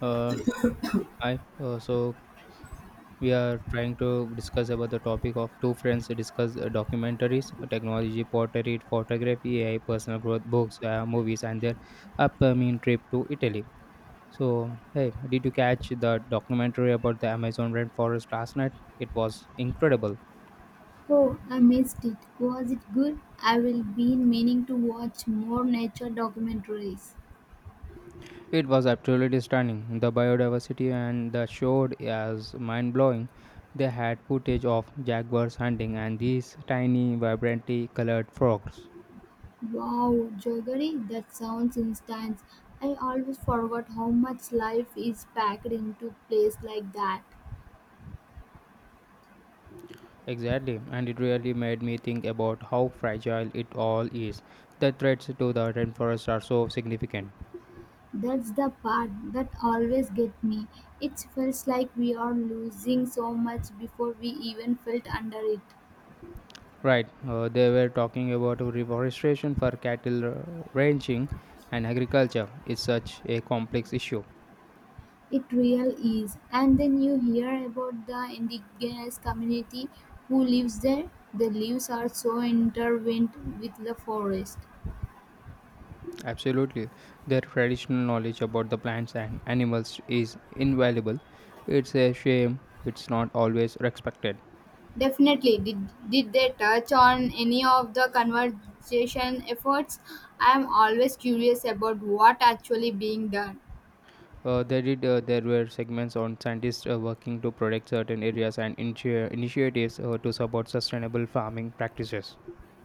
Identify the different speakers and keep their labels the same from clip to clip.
Speaker 1: Uh, hi. So we are trying to discuss about the topic of two friends discuss documentaries, technology, pottery, photography, AI, personal growth, books, movies, and their upcoming trip to Italy. So hey, did you catch the documentary about the Amazon rainforest last night? It was incredible.
Speaker 2: Oh, I missed it. Was it good? I will be meaning to watch more nature documentaries.
Speaker 1: It was absolutely stunning. The biodiversity and the showed as mind blowing. They had footage of jaguars hunting and these tiny, vibrantly colored frogs.
Speaker 2: Wow, Jogari, that sounds intense. I always forgot how much life is packed into place like that.
Speaker 1: Exactly, and it really made me think about how fragile it all is. The threats to the rainforest are so significant.
Speaker 2: That's the part that always gets me. It feels like we are losing so much before we even felt under it.
Speaker 1: Right, they were talking about reforestation for cattle ranching and agriculture. It's such a complex issue.
Speaker 2: It real is, and then you hear about the indigenous community who lives there. The leaves are so intertwined with the forest.
Speaker 1: Absolutely, their traditional knowledge about the plants and animals is invaluable. It's a shame it's not always respected.
Speaker 2: Definitely. Did they touch on any of the conservation efforts? I am always curious about what actually being done.
Speaker 1: They did. There were segments on scientists working to protect certain areas and initiatives to support sustainable farming practices.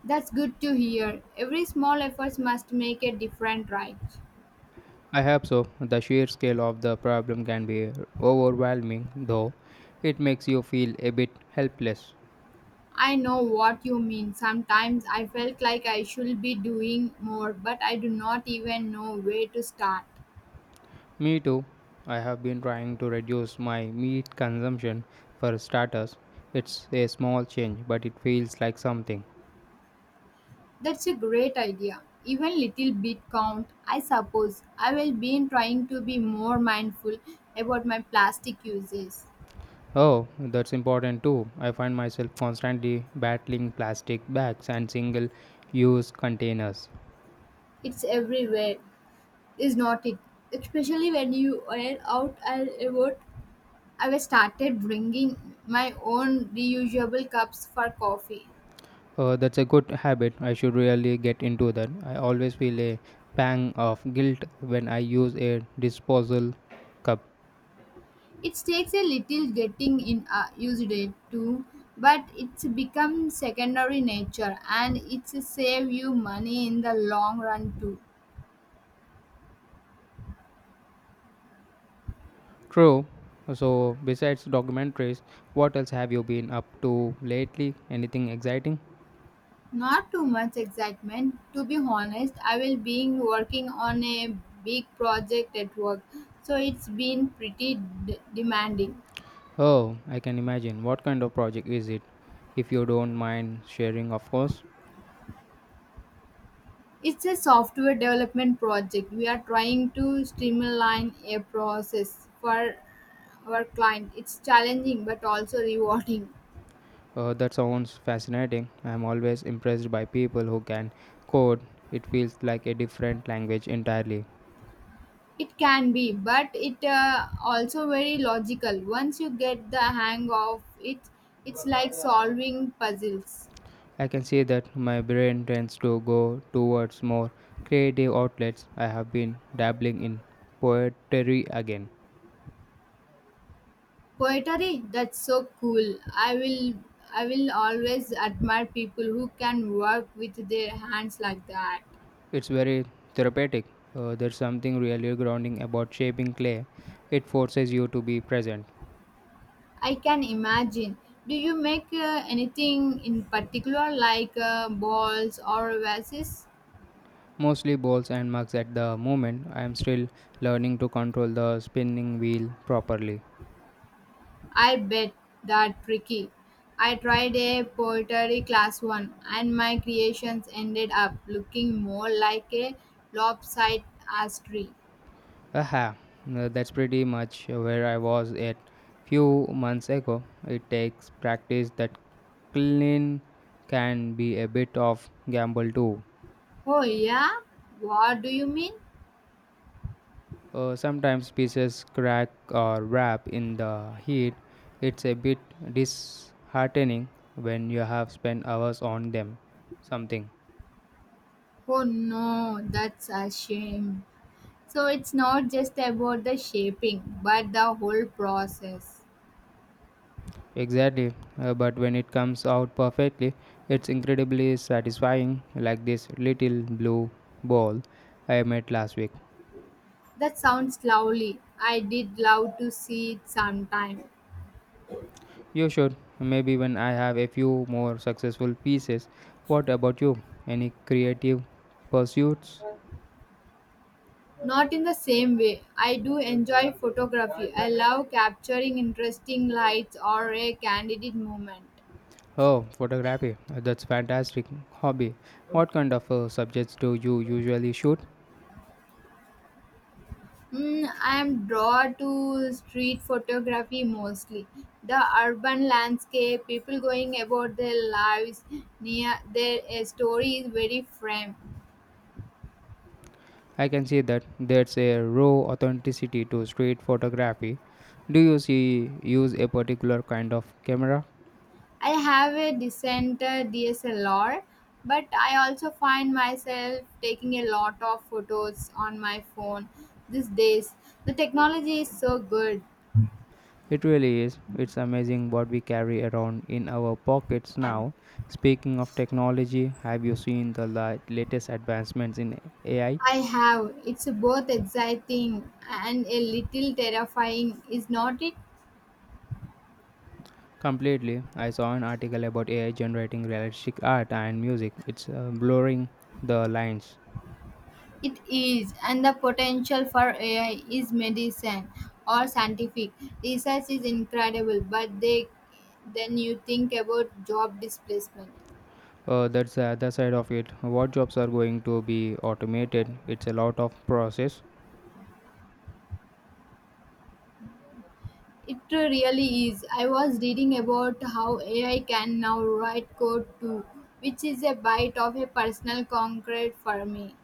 Speaker 2: That's good to hear. Every small effort must make a different right?
Speaker 1: I hope so. The sheer scale of the problem can be overwhelming, though. It makes you feel a bit helpless.
Speaker 2: I know what you mean. Sometimes I felt like I should be doing more, but I do not even know where to start.
Speaker 1: Me too. I have been trying to reduce my meat consumption for starters. It's a small change, but it feels like something.
Speaker 2: That's a great idea. Even little bit count, I suppose. I will be trying to be more mindful about my plastic uses.
Speaker 1: Oh, that's important too. I find myself constantly battling plastic bags and single use containers.
Speaker 2: It's everywhere, is not it? Especially when you are out and about. I was started bringing my own reusable cups for coffee.
Speaker 1: That's a good habit. I should really get into that. I always feel a pang of guilt when I use a disposal cup.
Speaker 2: It takes a little getting in used it to, but it's become secondary nature and it's save you money in the long run too.
Speaker 1: True. So, besides documentaries, what else have you been up to lately? Anything exciting?
Speaker 2: Not too much excitement, to be honest. I will be working on a big project at work, so it's been pretty demanding.
Speaker 1: Oh, I can imagine. What kind of project is it? If you don't mind sharing, of course.
Speaker 2: It's a software development project. We are trying to streamline a process for our client. It's challenging but also rewarding.
Speaker 1: That sounds fascinating. I'm always impressed by people who can code. It feels like a different language entirely.
Speaker 2: It can be, but it also very logical. Once you get the hang of it, it's like solving puzzles.
Speaker 1: I can see that my brain tends to go towards more creative outlets. I have been dabbling in poetry again.
Speaker 2: Poetry, that's so cool. I will always admire people who can work with their hands like that.
Speaker 1: It's very therapeutic. There's something really grounding about shaping clay. It forces you to be present.
Speaker 2: I can imagine. Do you make anything in particular like balls or vases?
Speaker 1: Mostly balls and mugs at the moment. I am still learning to control the spinning wheel properly.
Speaker 2: I bet that tricky. I tried a poetry class one, and my creations ended up looking more like a lopsided tree.
Speaker 1: Aha, that's pretty much where I was at few months ago. It takes practice that clean can be a bit of gamble too.
Speaker 2: Oh yeah, what do you mean?
Speaker 1: Sometimes pieces crack or wrap in the heat. It's a bit disheartening when you have spent hours on them. Something.
Speaker 2: Oh no, that's a shame. So it's not just about the shaping, but the whole process.
Speaker 1: Exactly, but when it comes out perfectly, it's incredibly satisfying, like this little blue ball I made last week.
Speaker 2: That sounds lovely. I did love to see it sometime.
Speaker 1: You should. Maybe when I have a few more successful pieces. What about you? Any creative pursuits?
Speaker 2: Not in the same way. I do enjoy photography. I love capturing interesting lights or a candid moment.
Speaker 1: Oh, photography. That's fantastic hobby. What kind of subjects do you usually shoot?
Speaker 2: Mm, I am drawn to street photography mostly. The urban landscape, people going about their lives, near their story is very frame.
Speaker 1: I can see that there's a raw authenticity to street photography. Do you see use a particular kind of camera?
Speaker 2: I have a decent DSLR, but I also find myself taking a lot of photos on my phone these days. The technology is so good.
Speaker 1: It really is. It's amazing what we carry around in our pockets now. Speaking of technology, have you seen the latest advancements in AI?
Speaker 2: I have. It's both exciting and a little terrifying, is not it?
Speaker 1: Completely. I saw an article about AI generating realistic art and music. It's blurring the lines.
Speaker 2: It is, and the potential for AI is medicine or scientific research is incredible. Then you think about job displacement.
Speaker 1: That's the other side of it. What jobs are going to be automated? It's a lot of process.
Speaker 2: It really is. I was reading about how AI can now write code too, which is a bite of a personal concrete for me.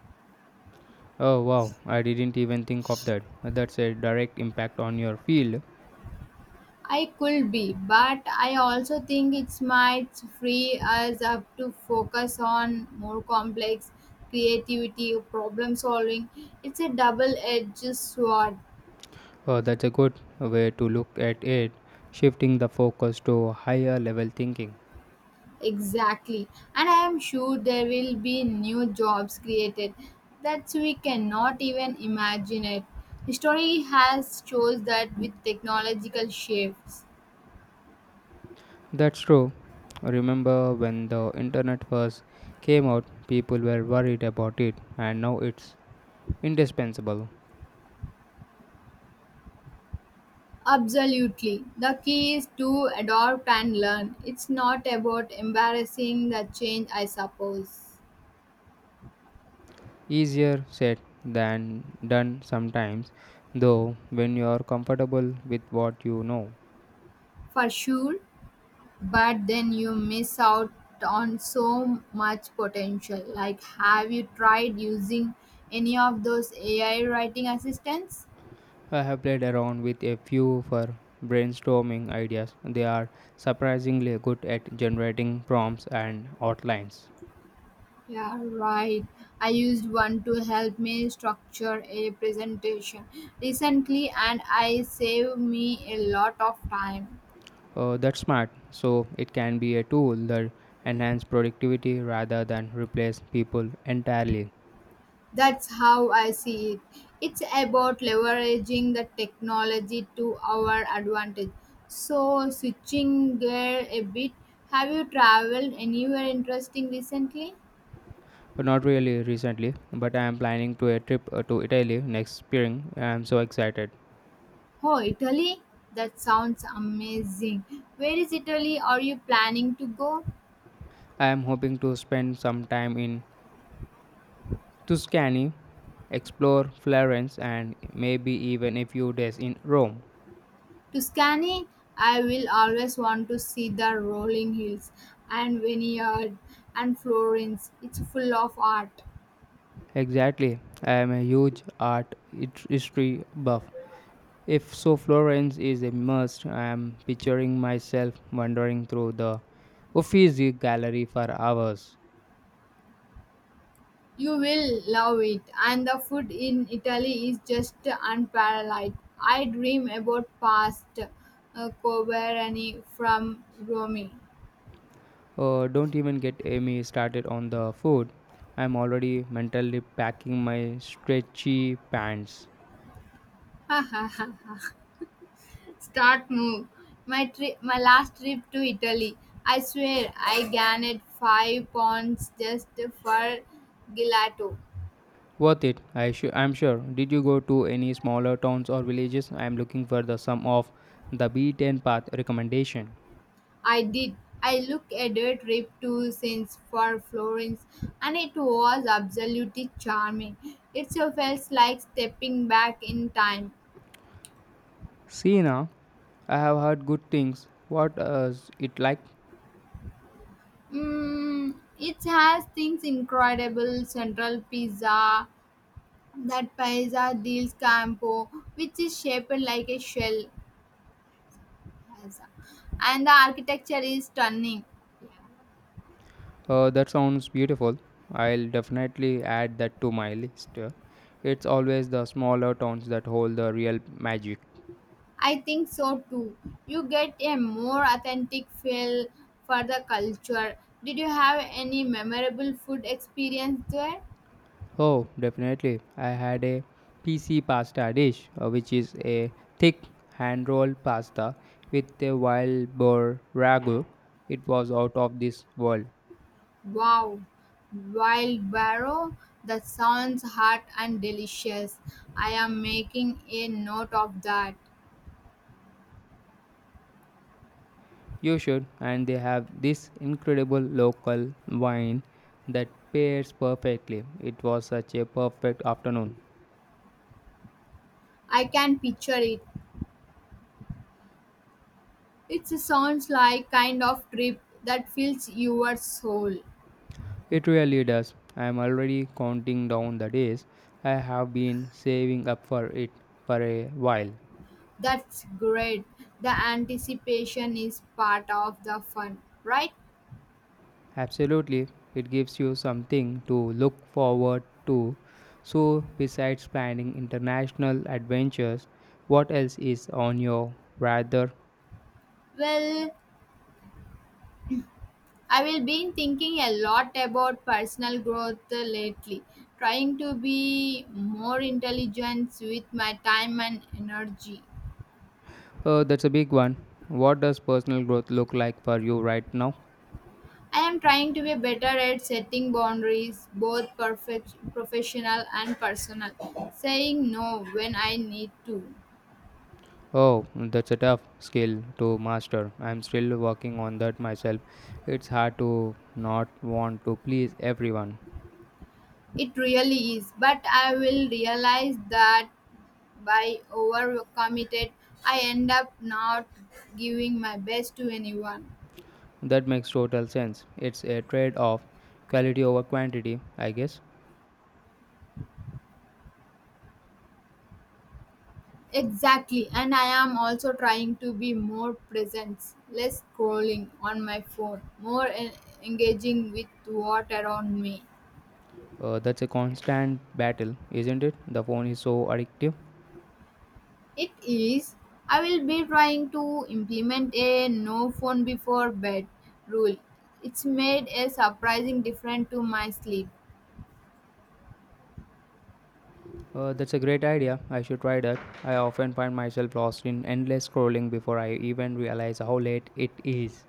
Speaker 1: Oh wow, I didn't even think of that. That's a direct impact on your field.
Speaker 2: I could be, but I also think it might free us up to focus on more complex creativity, problem solving. It's a double edged sword,
Speaker 1: That's a good way to look at it, shifting the focus to higher level thinking.
Speaker 2: exactly. And I am sure there will be new jobs created that we cannot even imagine it. History has shows that with technological shifts.
Speaker 1: That's true. Remember when the internet first came out, people were worried about it, and now it's indispensable.
Speaker 2: Absolutely. The key is to adopt and learn. It's not about embarrassing the change, I suppose,
Speaker 1: Easier said than done sometimes, though, when you are comfortable with what you know.
Speaker 2: for sure, but then you miss out on so much potential. Like, have you tried using any of those AI writing assistants?
Speaker 1: I have played around with a few for brainstorming ideas. They are surprisingly good at generating prompts and outlines.
Speaker 2: Yeah, right. I used one to help me structure a presentation recently, and I saved me a lot of time.
Speaker 1: That's smart. So it can be a tool that enhance productivity rather than replace people entirely.
Speaker 2: That's how I see it. It's about leveraging the technology to our advantage. So, switching gear a bit, have you traveled anywhere interesting recently?
Speaker 1: But not really recently. But I am planning to a trip to Italy next spring. I am so excited.
Speaker 2: Oh, Italy? That sounds amazing. Where is Italy? Are you planning to go? To
Speaker 1: I am hoping to spend some time in Tuscany, explore Florence, and maybe even a few days in Rome.
Speaker 2: Tuscany? I will always want to see the rolling hills and vineyard and Florence. It's full of art.
Speaker 1: Exactly. I am a huge art history buff, If so, Florence is a must. I am picturing myself wandering through the Uffizi gallery for hours.
Speaker 2: You will love it, and the food in Italy is just unparalleled. I dream about pasta carbonara from Rome.
Speaker 1: Don't even get Amy started on the food. I'm already mentally packing my stretchy pants.
Speaker 2: Start move. My last trip to Italy. I swear, I gained 5 pounds just for gelato.
Speaker 1: Worth it, I'm sure. Did you go to any smaller towns or villages? I'm looking for the sum of the beaten path recommendation.
Speaker 2: I did. I looked at a trip to since for Florence, and it was absolutely charming. It so felt like stepping back in time.
Speaker 1: See now, I have heard good things. What is it like?
Speaker 2: Mm, it has things incredible central pizza that pizza del campo which is shaped like a shell as a- and the architecture is stunning yeah.
Speaker 1: That sounds beautiful. I'll definitely add that to my list. It's always the smaller towns that hold the real magic.
Speaker 2: I think so too, you get a more authentic feel for the culture. Did you have any memorable food experience there?
Speaker 1: Oh, definitely. I had a PC pasta dish, which is a thick hand rolled pasta with a wild boar ragu. It was out of this world.
Speaker 2: Wow, Wild Barrow, that sounds hot and delicious. I am making a note of that.
Speaker 1: You should, and they have this incredible local wine that pairs perfectly. It was such a perfect afternoon.
Speaker 2: I can picture it. It sounds like kind of trip that fills your soul.
Speaker 1: It really does. I am already counting down the days. I have been saving up for it for a while.
Speaker 2: That's great. The anticipation is part of the fun, right?
Speaker 1: Absolutely, it gives you something to look forward to. So, besides planning international adventures, what else is on your radar?
Speaker 2: Well, I will be thinking a lot about personal growth lately, trying to be more intelligent with my time and energy.
Speaker 1: That's a big one. What does personal growth look like for you right now?
Speaker 2: I am trying to be better at setting boundaries, both perfect, professional and personal. Saying no when I need to.
Speaker 1: Oh, that's a tough skill to master. I'm still working on that myself. It's hard to not want to please everyone.
Speaker 2: It really is, but I will realize that by overcommitted, I end up not giving my best to anyone.
Speaker 1: That makes total sense. It's a trade off, quality over quantity, I guess.
Speaker 2: Exactly, and I am also trying to be more present, less scrolling on my phone, more engaging with what around me.
Speaker 1: That's a constant battle, isn't it? The phone is so addictive.
Speaker 2: It is. I will be trying to implement a no phone before bed rule. It's made a surprising difference to my sleep.
Speaker 1: That's a great idea. I should try that. I often find myself lost in endless scrolling before I even realize how late it is.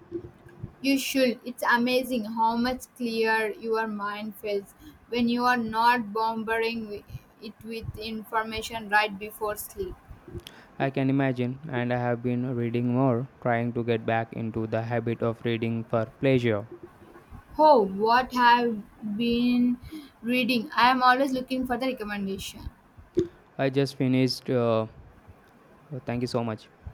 Speaker 2: You should. It's amazing how much clearer your mind feels when you are not bombarding it with information right before sleep.
Speaker 1: I can imagine, and I have been reading more, trying to get back into the habit of reading for pleasure.
Speaker 2: Oh, what have been reading? I am always looking for the recommendation.
Speaker 1: I just finished, thank you so much.